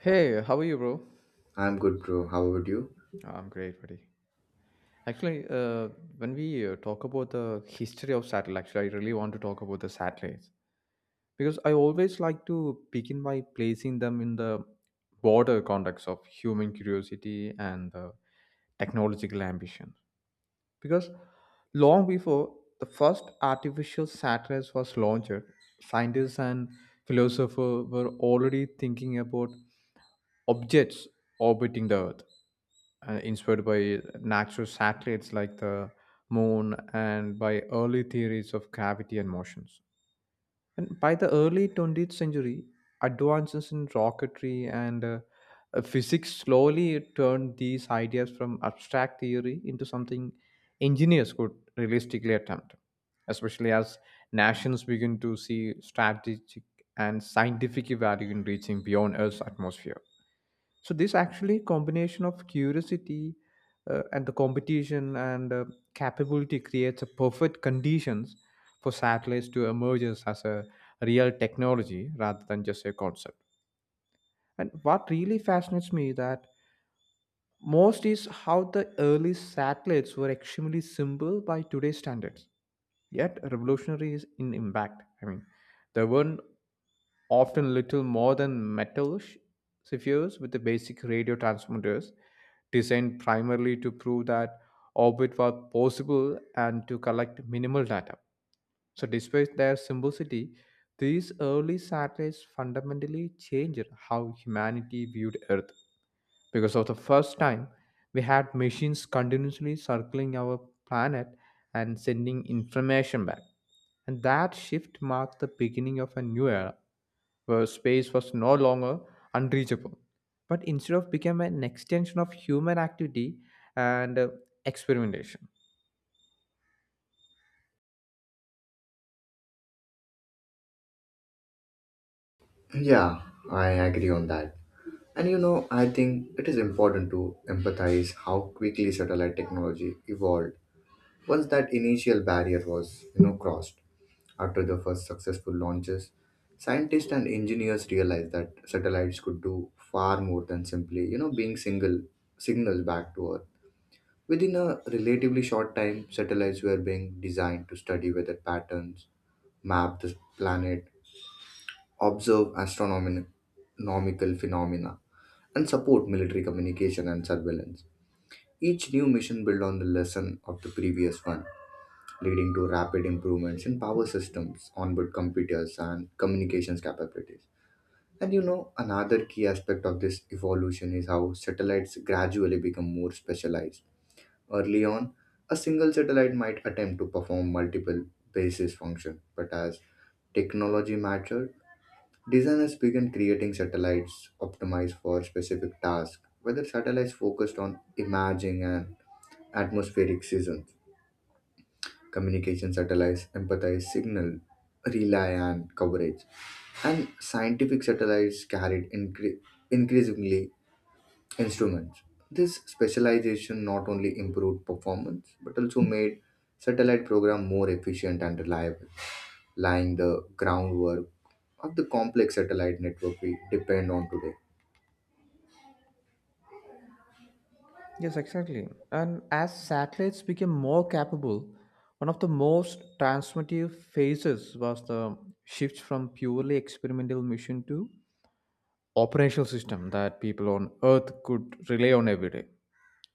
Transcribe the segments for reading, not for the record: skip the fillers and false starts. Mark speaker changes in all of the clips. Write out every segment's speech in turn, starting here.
Speaker 1: Hey, how are you, bro?
Speaker 2: I'm good, bro. How about you?
Speaker 1: I'm great, buddy. Actually, uh, when we talk about the history of satellite, actually, I really want to talk about the satellites because I always like to begin by placing them in the broader context of human curiosity and technological ambition. Because long before the first artificial satellite was launched, scientists and philosophers were already thinking about objects orbiting the Earth, inspired by natural satellites like the moon and by early theories of gravity and motions. And by the early 20th century, advances in rocketry and physics slowly turned these ideas from abstract theory into something engineers could realistically attempt, especially as nations begin to see strategic and scientific value in reaching beyond Earth's atmosphere. So this actually combination of curiosity and the competition and capability creates a perfect conditions for satellites to emerge as a real technology rather than just a concept. And what really fascinates me that most is how the early satellites were extremely simple by today's standards, yet revolutionary is in impact. I mean, they weren't often little more than metal spheres with the basic radio transmitters, designed primarily to prove that orbit was possible and to collect minimal data. So, despite their simplicity, these early satellites fundamentally changed how humanity viewed Earth, because for the first time we had machines continuously circling our planet and sending information back. And that shift marked the beginning of a new era where space was no longer unreachable, but instead of became an extension of human activity and experimentation.
Speaker 2: Yeah, I agree on that. And you know, I think it is important to empathize how quickly satellite technology evolved once that initial barrier was, you know, crossed. After the first successful launches, scientists and engineers realized that satellites could do far more than simply, you know, being single signals back to Earth. Within a relatively short time, satellites were being designed to study weather patterns, map the planet, observe astronomical phenomena, and support military communication and surveillance. Each new mission built on the lesson of the previous one, leading to rapid improvements in power systems, onboard computers, and communications capabilities. And you know, another key aspect of this evolution is how satellites gradually become more specialized. Early on, a single satellite might attempt to perform multiple basis functions, but as technology matures, designers began creating satellites optimized for specific tasks, whether satellites focused on imaging and atmospheric seasons, communication satellites emphasized signal, relay, and coverage, and scientific satellites carried increasingly instruments. This specialization not only improved performance but also made satellite program more efficient and reliable, laying the groundwork of the complex satellite network we depend on today.
Speaker 1: Yes, exactly. And as satellites became more capable, one of the most transformative phases was the shift from purely experimental mission to operational system that people on Earth could rely on every day.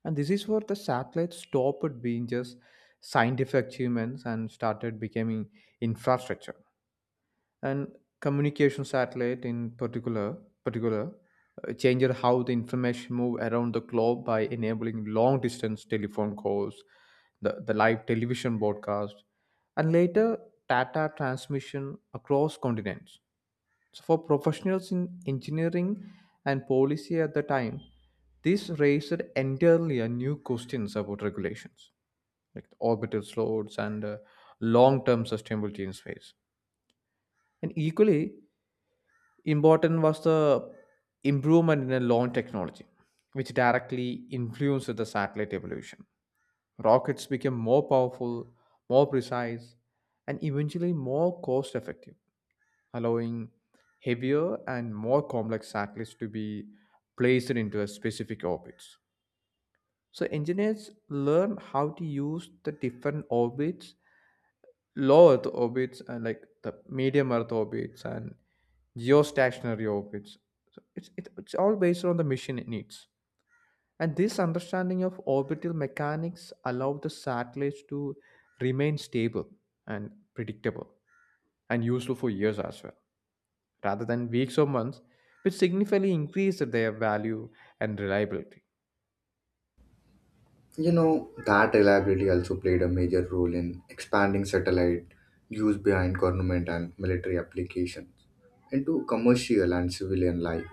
Speaker 1: And this is where the satellite stopped being just scientific achievements and started becoming infrastructure. And communication satellite in particular, particular changed how the information move around the globe by enabling long distance telephone calls, the live television broadcast, and later data transmission across continents. So for professionals in engineering and policy at the time, this raised entirely a new questions about regulations, like the orbital slots and long-term sustainability in space. And equally important was the improvement in the launch technology, which directly influenced the satellite evolution. Rockets became more powerful, more precise, and eventually more cost-effective, allowing heavier and more complex satellites to be placed into a specific orbits. So engineers learn how to use the different orbits, low Earth orbits, and like the medium Earth orbits and geostationary orbits. So it's all based on the mission it needs. And this understanding of orbital mechanics allow the satellites to remain stable and predictable and useful for years as well, rather than weeks or months, which significantly increased their value and reliability.
Speaker 2: You know, that reliability also played a major role in expanding satellite use behind government and military applications into commercial and civilian life.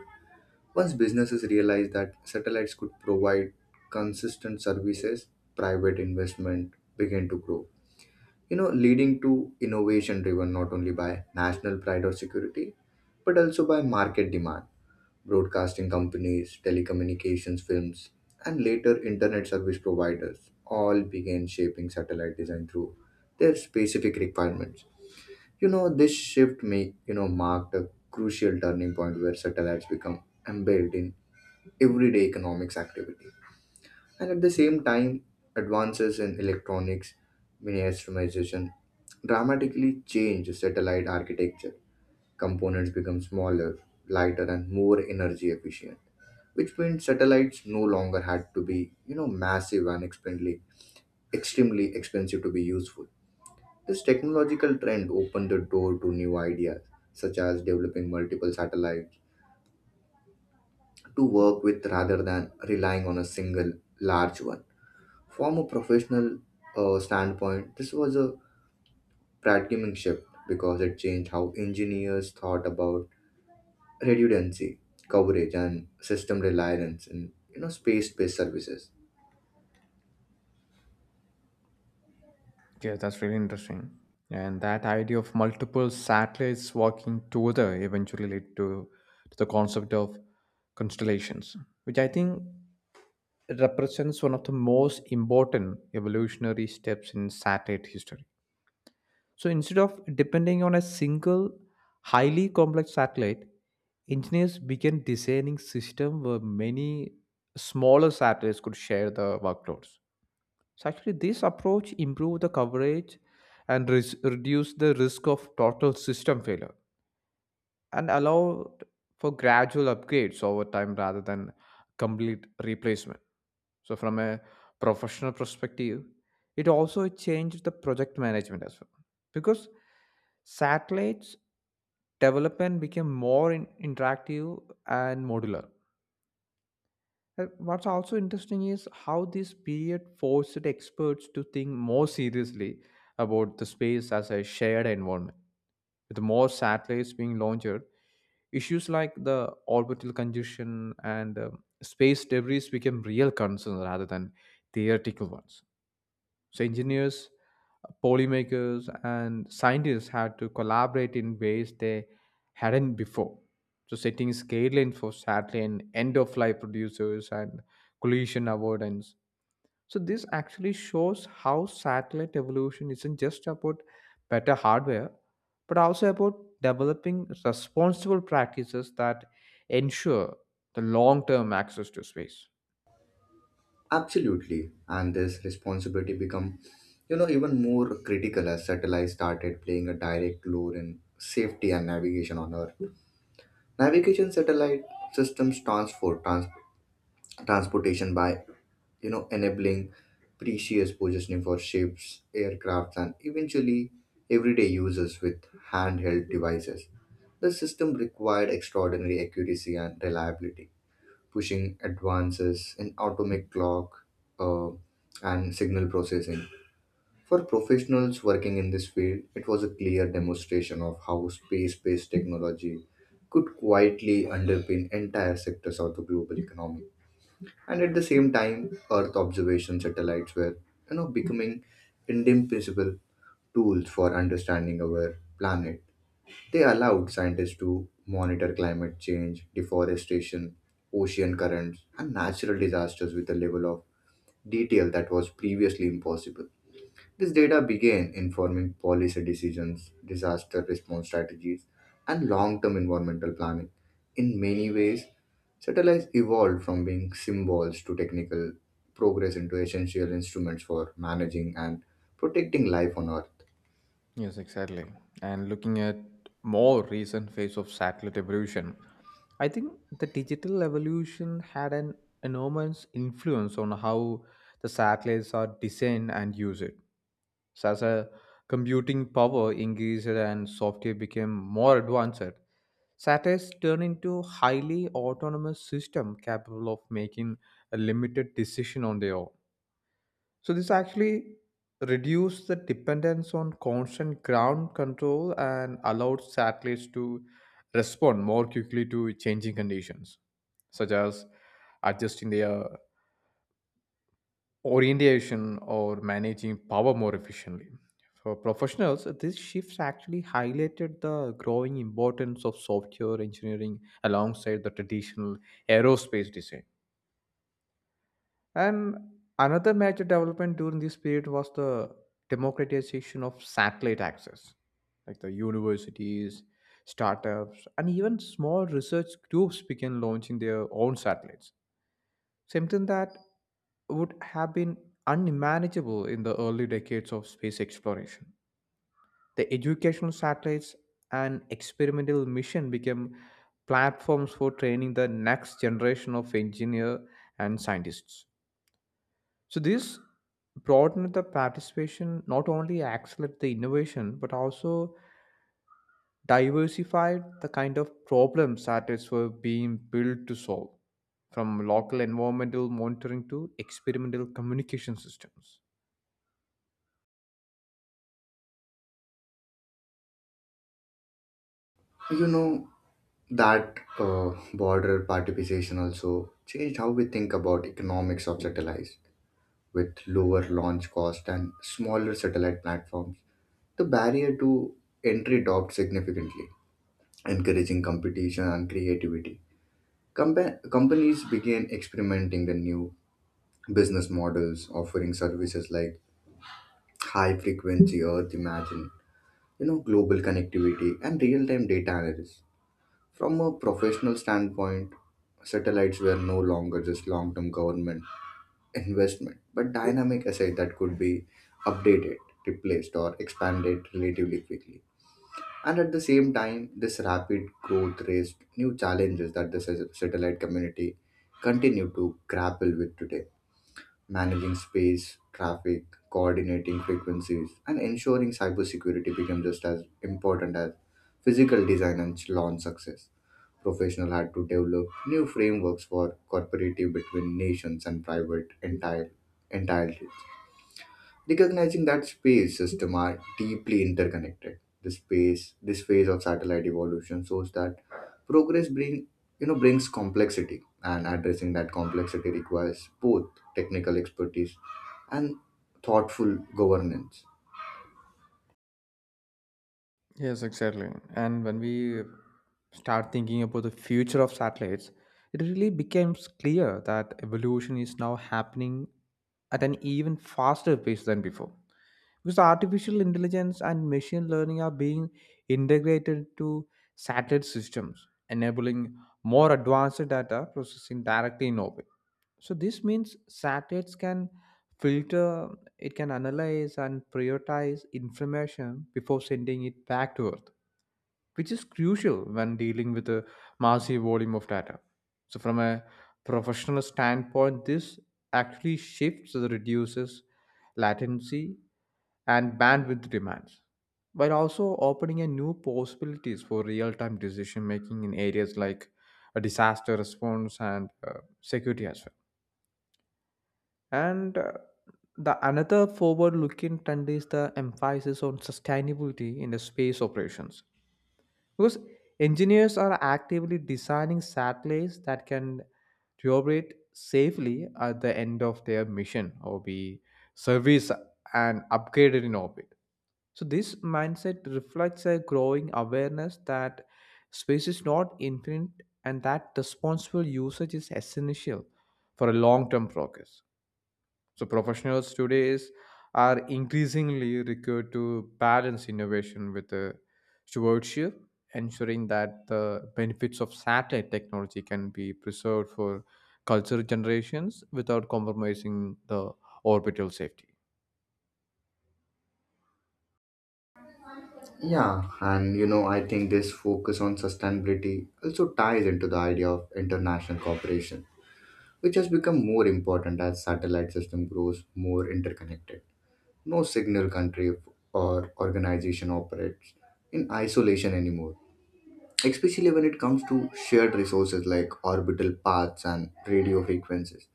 Speaker 2: Once businesses realized that satellites could provide consistent services, private investment began to grow. You know, leading to innovation driven not only by national pride or security, but also by market demand. Broadcasting companies, telecommunications firms, and later internet service providers all began shaping satellite design through their specific requirements. You know, this shift may, you know, marked a crucial turning point where satellites become embedded in everyday economics activity. And at the same time, advances in electronics miniaturization dramatically changed satellite architecture. Components become smaller, lighter, and more energy efficient, which meant satellites no longer had to be, you know, massive and extremely expensive to be useful. This technological trend opened the door to new ideas, such as developing multiple satellites to work with rather than relying on a single large one. From a professional standpoint, this was a paradigm shift because it changed how engineers thought about redundancy, coverage, and system reliance in, you know, space-based services.
Speaker 1: Yeah, that's really interesting. And that idea of multiple satellites working together eventually led to the concept of constellations, which I think represents one of the most important evolutionary steps in satellite history. So instead of depending on a single highly complex satellite, engineers began designing systems where many smaller satellites could share the workloads. So actually, this approach improved the coverage and reduced the risk of total system failure and allowed for gradual upgrades over time rather than complete replacement. So from a professional perspective, it also changed the project management as well, because satellites development became more interactive and modular. What's also interesting is how this period forced experts to think more seriously about the space as a shared environment. With more satellites being launched, issues like the orbital congestion and space debris became real concerns rather than theoretical ones. So, engineers, polymakers, and scientists had to collaborate in ways they hadn't before. So, setting guidelines for satellite and end of life producers and collision avoidance, so this actually shows how satellite evolution isn't just about better hardware, but also about developing responsible practices that ensure the long-term access to space.
Speaker 2: Absolutely. And this responsibility become, you know, even more critical as satellites started playing a direct role in safety and navigation on Earth. Navigation satellite systems transport transportation by, you know, enabling precious positioning for ships, aircrafts, and eventually everyday users with handheld devices. The system required extraordinary accuracy and reliability, pushing advances in atomic clock uh, and signal processing. For professionals working in this field, it was a clear demonstration of how space based technology could quietly underpin entire sectors of the global economy. And at the same time, Earth observation satellites were, you know, becoming indispensable tools for understanding our planet. They allowed scientists to monitor climate change, deforestation, ocean currents, and natural disasters with a level of detail that was previously impossible. This data began informing policy decisions, disaster response strategies, and long term environmental planning. In many ways, satellites evolved from being symbols to technical progress into essential instruments for managing and protecting life on Earth.
Speaker 1: Yes, exactly. And looking at more recent phase of satellite evolution, I think the digital evolution had an enormous influence on how the satellites are designed and used. So as a computing power increased and software became more advanced, satellites turned into highly autonomous system capable of making a limited decision on their own. So this actually reduced the dependence on constant ground control and allowed satellites to respond more quickly to changing conditions, such as adjusting their orientation or managing power more efficiently. For professionals, these shifts actually highlighted the growing importance of software engineering alongside the traditional aerospace design. And another major development during this period was the democratization of satellite access. Like the universities, startups, and even small research groups began launching their own satellites, something that would have been unmanageable in the early decades of space exploration. The educational satellites and experimental mission became platforms for training the next generation of engineers and scientists. So this broadened the participation, not only accelerate the innovation, but also diversified the kind of problems that is were being built to solve, from local environmental monitoring to experimental communication systems.
Speaker 2: You know, that border participation also changed how we think about economics of satellites, with lower launch cost and smaller satellite platforms. The barrier to entry dropped significantly, encouraging competition and creativity. Companies began experimenting the new business models offering services like high frequency earth imagine, you know, global connectivity and real-time data analysis. From a professional standpoint, satellites were no longer just long term government investment, but dynamic asset that could be updated, replaced, or expanded relatively quickly. And at the same time, this rapid growth raised new challenges that the satellite community continue to grapple with today. Managing space, traffic, coordinating frequencies, and ensuring cybersecurity become just as important as physical design and launch success. Professionals had to develop new frameworks for cooperative between nations and private entities, recognizing that space systems are deeply interconnected. This phase of satellite evolution shows that progress bring, you know, brings complexity, and addressing that complexity requires both technical expertise and thoughtful governance.
Speaker 1: Yes, exactly. And when we start thinking about the future of satellites, it really becomes clear that evolution is now happening at an even faster pace than before. Because artificial intelligence and machine learning are being integrated into satellite systems, enabling more advanced data processing directly in orbit. So this means satellites can filter, it can analyze and prioritize information before sending it back to Earth, which is crucial when dealing with a massive volume of data. So from a professional standpoint, this actually shifts or reduces latency and bandwidth demands, while also opening a new possibilities for real-time decision making in areas like a disaster response and security as well. And The another forward-looking trend is the emphasis on sustainability in the space operations. Because engineers are actively designing satellites that can operate safely at the end of their mission or be serviced and upgraded in orbit. So this mindset reflects a growing awareness that space is not infinite and that responsible usage is essential for a long-term progress. So are increasingly required to balance innovation with the stewardship, ensuring that the benefits of satellite technology can be preserved for cultural generations without compromising the orbital safety.
Speaker 2: Yeah, and you know, I think this focus on sustainability also ties into the idea of international cooperation, which has become more important as satellite system grows more interconnected. No signal country or organization operates in isolation anymore, especially when it comes to shared resources like orbital paths and radio frequencies.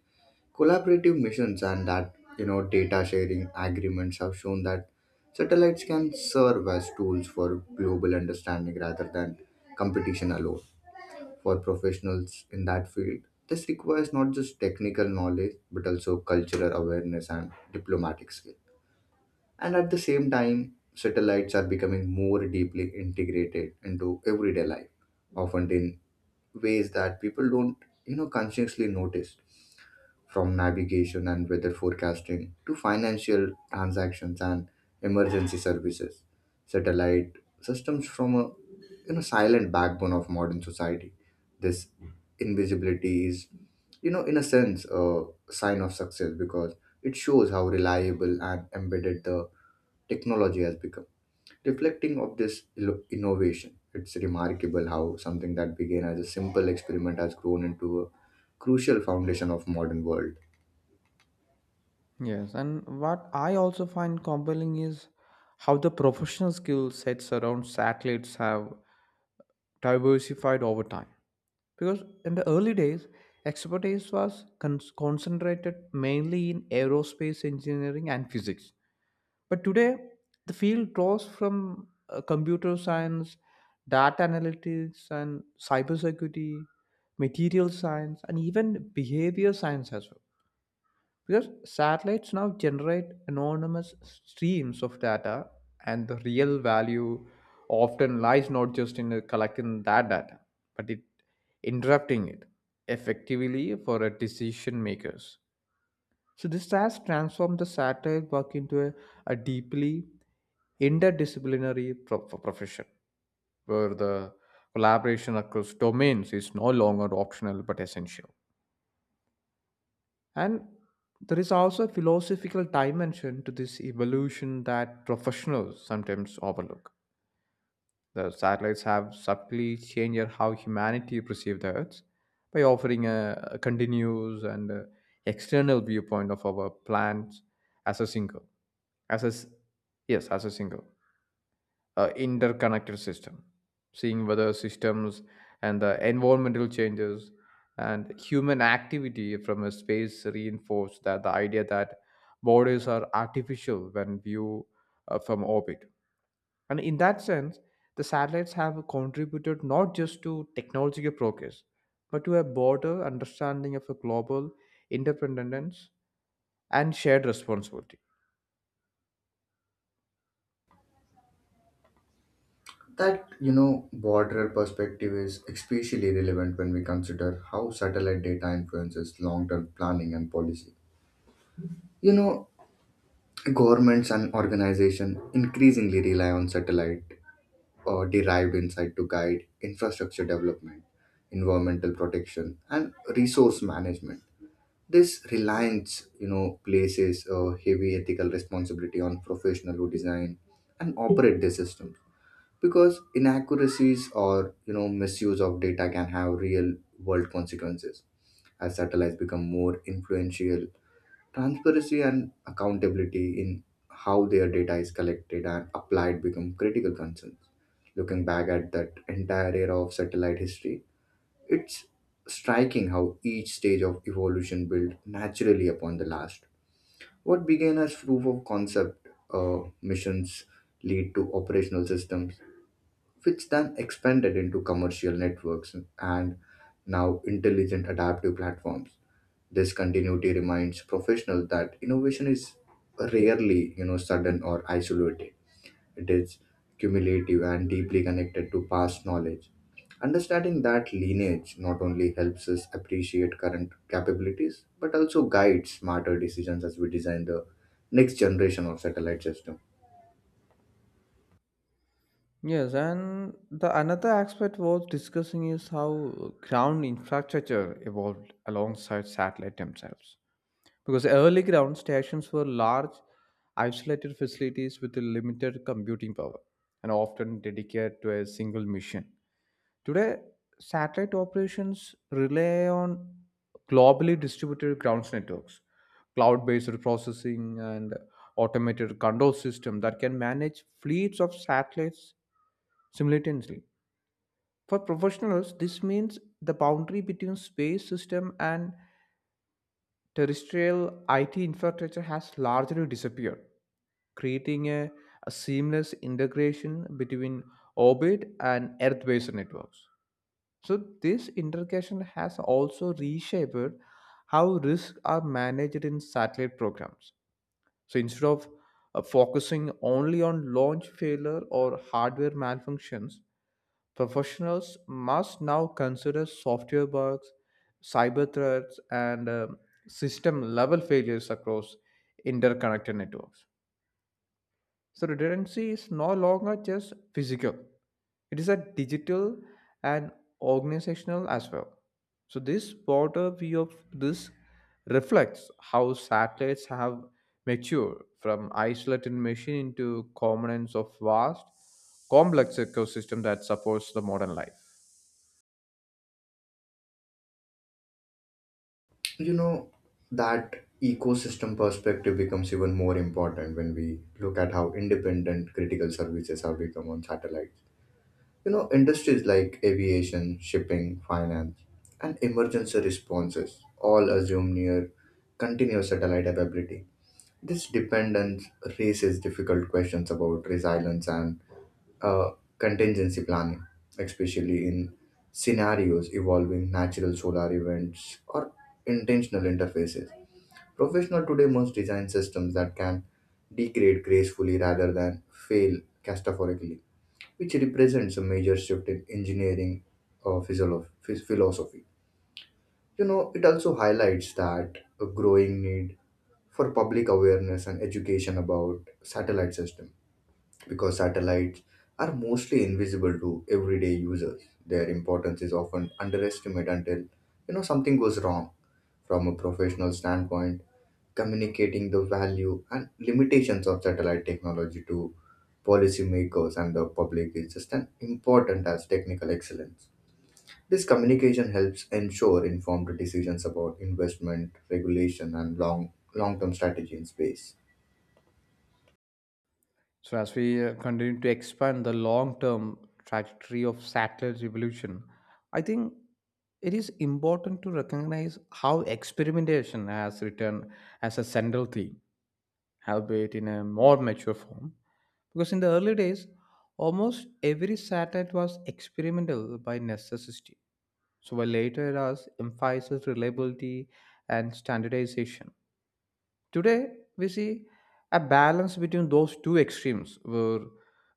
Speaker 2: Collaborative missions and that, you know, data sharing agreements have shown that satellites can serve as tools for global understanding rather than competition alone. For professionals in that field, this requires not just technical knowledge but also cultural awareness and diplomatic skill. And at the same time, satellites are becoming more deeply integrated into everyday life, often in ways that people don't, you know, consciously notice, from navigation and weather forecasting to financial transactions and emergency services. Satellite systems from a, you know, silent backbone of modern society. This invisibility is, you know, in a sense, a sign of success because it shows how reliable and embedded the technology has become. Reflecting of this innovation, it's remarkable how something that began as a simple experiment has grown into a crucial foundation of modern world.
Speaker 1: Yes, and what I also find compelling is how the professional skill sets around satellites have diversified over time. Because in the early days, expertise was concentrated mainly in aerospace engineering and physics. But today, the field draws from computer science, data analytics, and cybersecurity, material science, and even behavior science as well. Because satellites now generate anonymous streams of data, and the real value often lies not just in collecting that data, but it interrupting it effectively for a decision makers. So this has transformed the satellite work into a deeply interdisciplinary profession, where the collaboration across domains is no longer optional but essential. And there is also a philosophical dimension to this evolution that professionals sometimes overlook. The satellites have subtly changed how humanity perceives the Earth by offering a continuous and external viewpoint of our plans as a single, as a s- yes, as a single interconnected system, seeing whether systems and the environmental changes and human activity from a space reinforce that the idea that borders are artificial when viewed from orbit. And in that sense, the satellites have contributed not just to technological progress, but to a broader understanding of a global interdependence and shared responsibility.
Speaker 2: That, you know, border perspective is especially relevant when we consider how satellite data influences long term planning and policy. You know, governments and organizations increasingly rely on satellite or derived insight to guide infrastructure development, environmental protection, and resource management. This reliance, you know, places a heavy ethical responsibility on professionals who design and operate the systems, because inaccuracies or, you know, misuse of data can have real world consequences. As satellites become more influential, transparency and accountability in how their data is collected and applied become critical concerns. Looking back at that entire era of satellite history, it's striking how each stage of evolution built naturally upon the last. What began as proof of concept missions lead to operational systems, which then expanded into commercial networks and now intelligent adaptive platforms. This continuity reminds professionals that innovation is rarely, you know, sudden or isolated. It is cumulative and deeply connected to past knowledge. Understanding that lineage not only helps us appreciate current capabilities, but also guides smarter decisions as we design the next generation of satellite system.
Speaker 1: Yes, and the another aspect worth discussing is how ground infrastructure evolved alongside satellite themselves. Because early ground stations were large, isolated facilities with a limited computing power and often dedicated to a single mission. Today, satellite operations rely on globally distributed ground networks, cloud-based processing, and automated control system that can manage fleets of satellites simultaneously. For professionals, this means the boundary between space system and terrestrial IT infrastructure has largely disappeared, creating a seamless integration between orbit and Earth based networks. So, this integration has also reshaped how risks are managed in satellite programs. So instead of focusing only on launch failure or hardware malfunctions, professionals must now consider software bugs, cyber threats, and system level failures across interconnected networks. So redundancy is no longer just physical. It is a digital and organizational as well. So this broader view of this reflects how satellites have matured from isolated machine into components of vast, complex ecosystem that supports the modern life.
Speaker 2: You know, that ecosystem perspective becomes even more important when we look at how independent critical services have become on satellites. You know, industries like aviation, shipping, finance, and emergency responses all assume near continuous satellite availability. This dependence raises difficult questions about resilience and uh, contingency planning, especially in scenarios involving natural solar events or intentional interfaces. Professionals today must design systems that can degrade gracefully rather than fail catastrophically, which represents a major shift in engineering philosophy. You know, it also highlights that a growing need for public awareness and education about satellite system, because satellites are mostly invisible to everyday users. Their importance is often underestimated until, you know, something goes wrong. From a professional standpoint, communicating the value and limitations of satellite technology to policymakers and the public is just as important as technical excellence. This communication helps ensure informed decisions about investment, regulation, and long term strategy in space.
Speaker 1: So, as we continue to expand the long term trajectory of satellite evolution, I think it is important to recognize how experimentation has returned as a central theme, albeit in a more mature form. Because in the early days, almost every satellite was experimental by necessity. So, while later eras emphasized reliability and standardization. Today, we see a balance between those two extremes where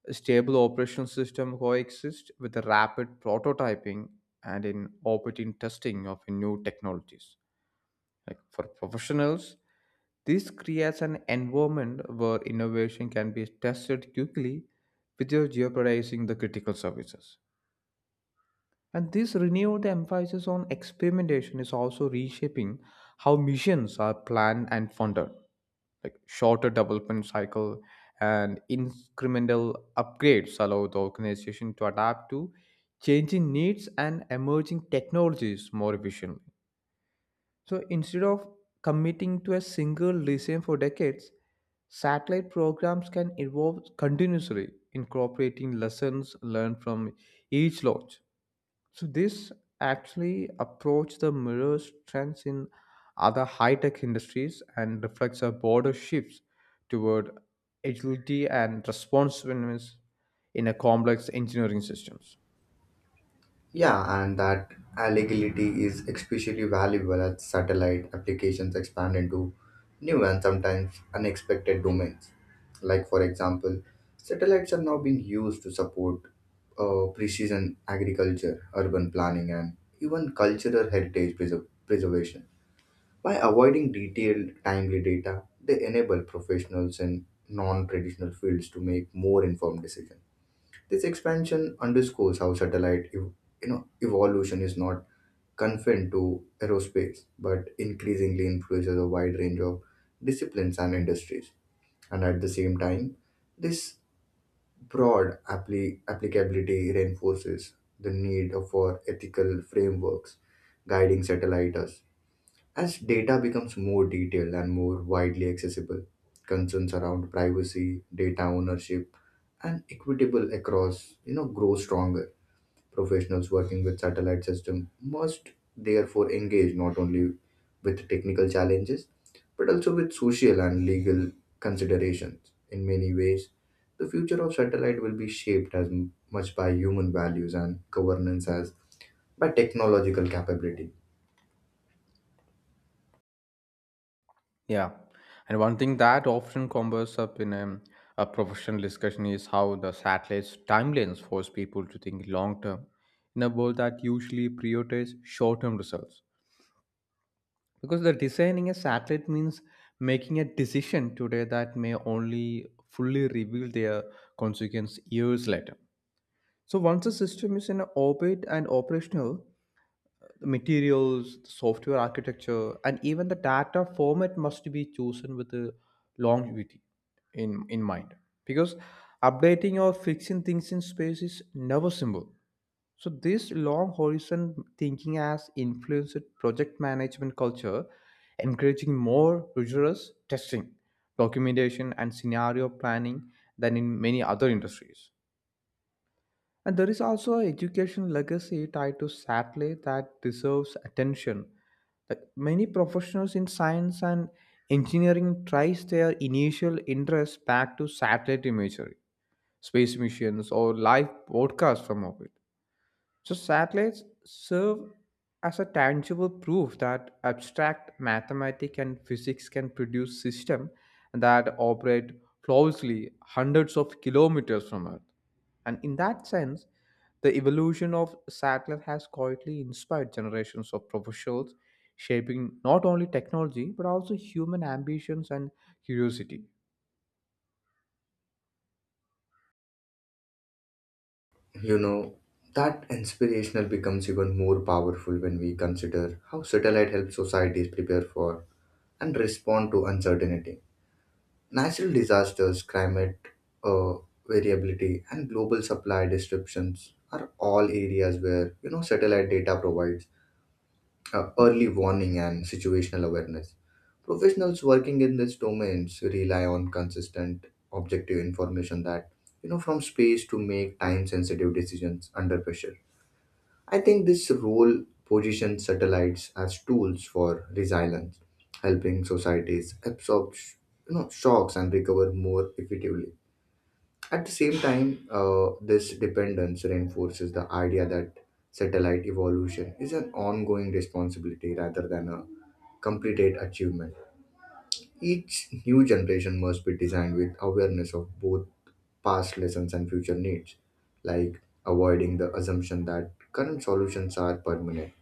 Speaker 1: a stable operation system coexist with a rapid prototyping and in operating testing of new technologies. Like for professionals, this creates an environment where innovation can be tested quickly without jeopardizing the critical services. And this renewed emphasis on experimentation is also reshaping how missions are planned and funded, like shorter development cycle and incremental upgrades allow the organization to adapt to changing needs and emerging technologies more efficiently. So instead of committing to a single regime for decades, satellite programs can evolve continuously, incorporating lessons learned from each launch. So this actually approach the mirrors trends in other high-tech industries and reflects a broader shifts toward agility and responsiveness in a complex engineering systems.
Speaker 2: Yeah, and that allegality is especially valuable as satellite applications expand into new and sometimes unexpected domains. Like, for example, satellites are now being used to support precision agriculture, urban planning, and even cultural heritage preservation. By avoiding detailed, timely data, they enable professionals in non traditional fields to make more informed decisions. This expansion underscores how satellite evolution is not confined to aerospace but increasingly influences a wide range of disciplines and industries. And at the same time, this broad applicability reinforces the need for ethical frameworks guiding satellites. As data becomes more detailed and more widely accessible, concerns around privacy, data ownership, and equitable across, you know, grow stronger. Professionals working with satellite system must therefore engage not only with technical challenges but also with social and legal considerations. In many ways, the future of satellite will be shaped as much by human values and governance as by technological capability.
Speaker 1: Yeah. And one thing that often comes up in a professional discussion is how the satellite's timelines force people to think long term in a world that usually prioritizes short term results. Because the designing a satellite means making a decision today that may only fully reveal their consequence years later. So once the system is in orbit and operational, the materials, the software architecture, and even the data format must be chosen with the longevity in mind. Because updating or fixing things in space is never simple. So this long horizon thinking has influenced project management culture, encouraging more rigorous testing, documentation, and scenario planning than in many other industries. And there is also an education legacy tied to satellite that deserves attention. Like many professionals in science and engineering trace their initial interest back to satellite imagery, space missions, or live broadcasts from orbit. So satellites serve as a tangible proof that abstract mathematics and physics can produce systems that operate flawlessly hundreds of kilometers from Earth. And in that sense, the evolution of satellite has quietly inspired generations of professionals, shaping not only technology but also human ambitions and curiosity.
Speaker 2: You know, that inspirational becomes even more powerful when we consider how satellite helps societies prepare for and respond to uncertainty. Natural disasters, climate uh, variability, and global supply disruptions are all areas where, you know, satellite data provides early warning and situational awareness. Professionals working in these domains rely on consistent, objective information that, you know, from space to make time-sensitive decisions under pressure. I think this role positions satellites as tools for resilience, helping societies absorb you know, shocks and recover more effectively. At the same time, this dependence reinforces the idea that satellite evolution is an ongoing responsibility rather than a completed achievement. Each new generation must be designed with awareness of both past lessons and future needs, like avoiding the assumption that current solutions are permanent.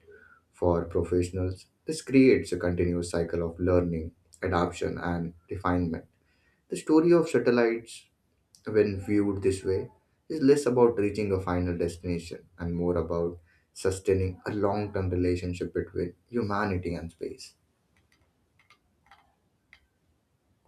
Speaker 2: For professionals, this creates a continuous cycle of learning, adaptation, and refinement. The story of satellites, when viewed this way, is less about reaching a final destination and more about sustaining a long term relationship between humanity and space.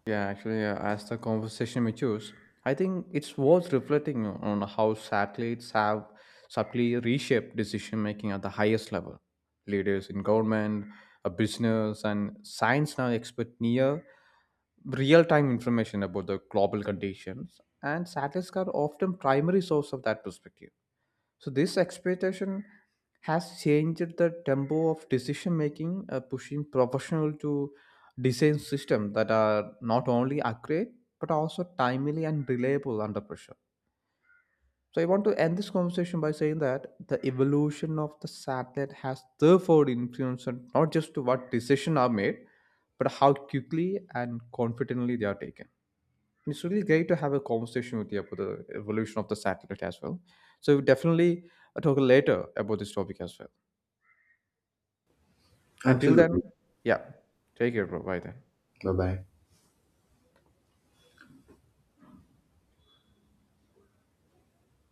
Speaker 1: Yeah, actually, as the conversation matures, I think it's worth reflecting on how satellites have subtly reshaped decision making at the highest level. Leaders in government, a business, and science now expect near real time information about the global conditions, and satellites are often primary source of that perspective. So this expectation has changed the tempo of decision making, pushing professional to design systems that are not only accurate but also timely and reliable under pressure. So I want to end this conversation by saying that the evolution of the satellite has therefore influenced not just what decisions are made, but how quickly and confidently they are taken. It's really great to have a conversation with you about the evolution of the satellite as well. So we'll definitely talk later about this topic as well. Until then,
Speaker 2: Absolutely.
Speaker 1: yeah, take care, bro. Bye then.
Speaker 2: Bye bye.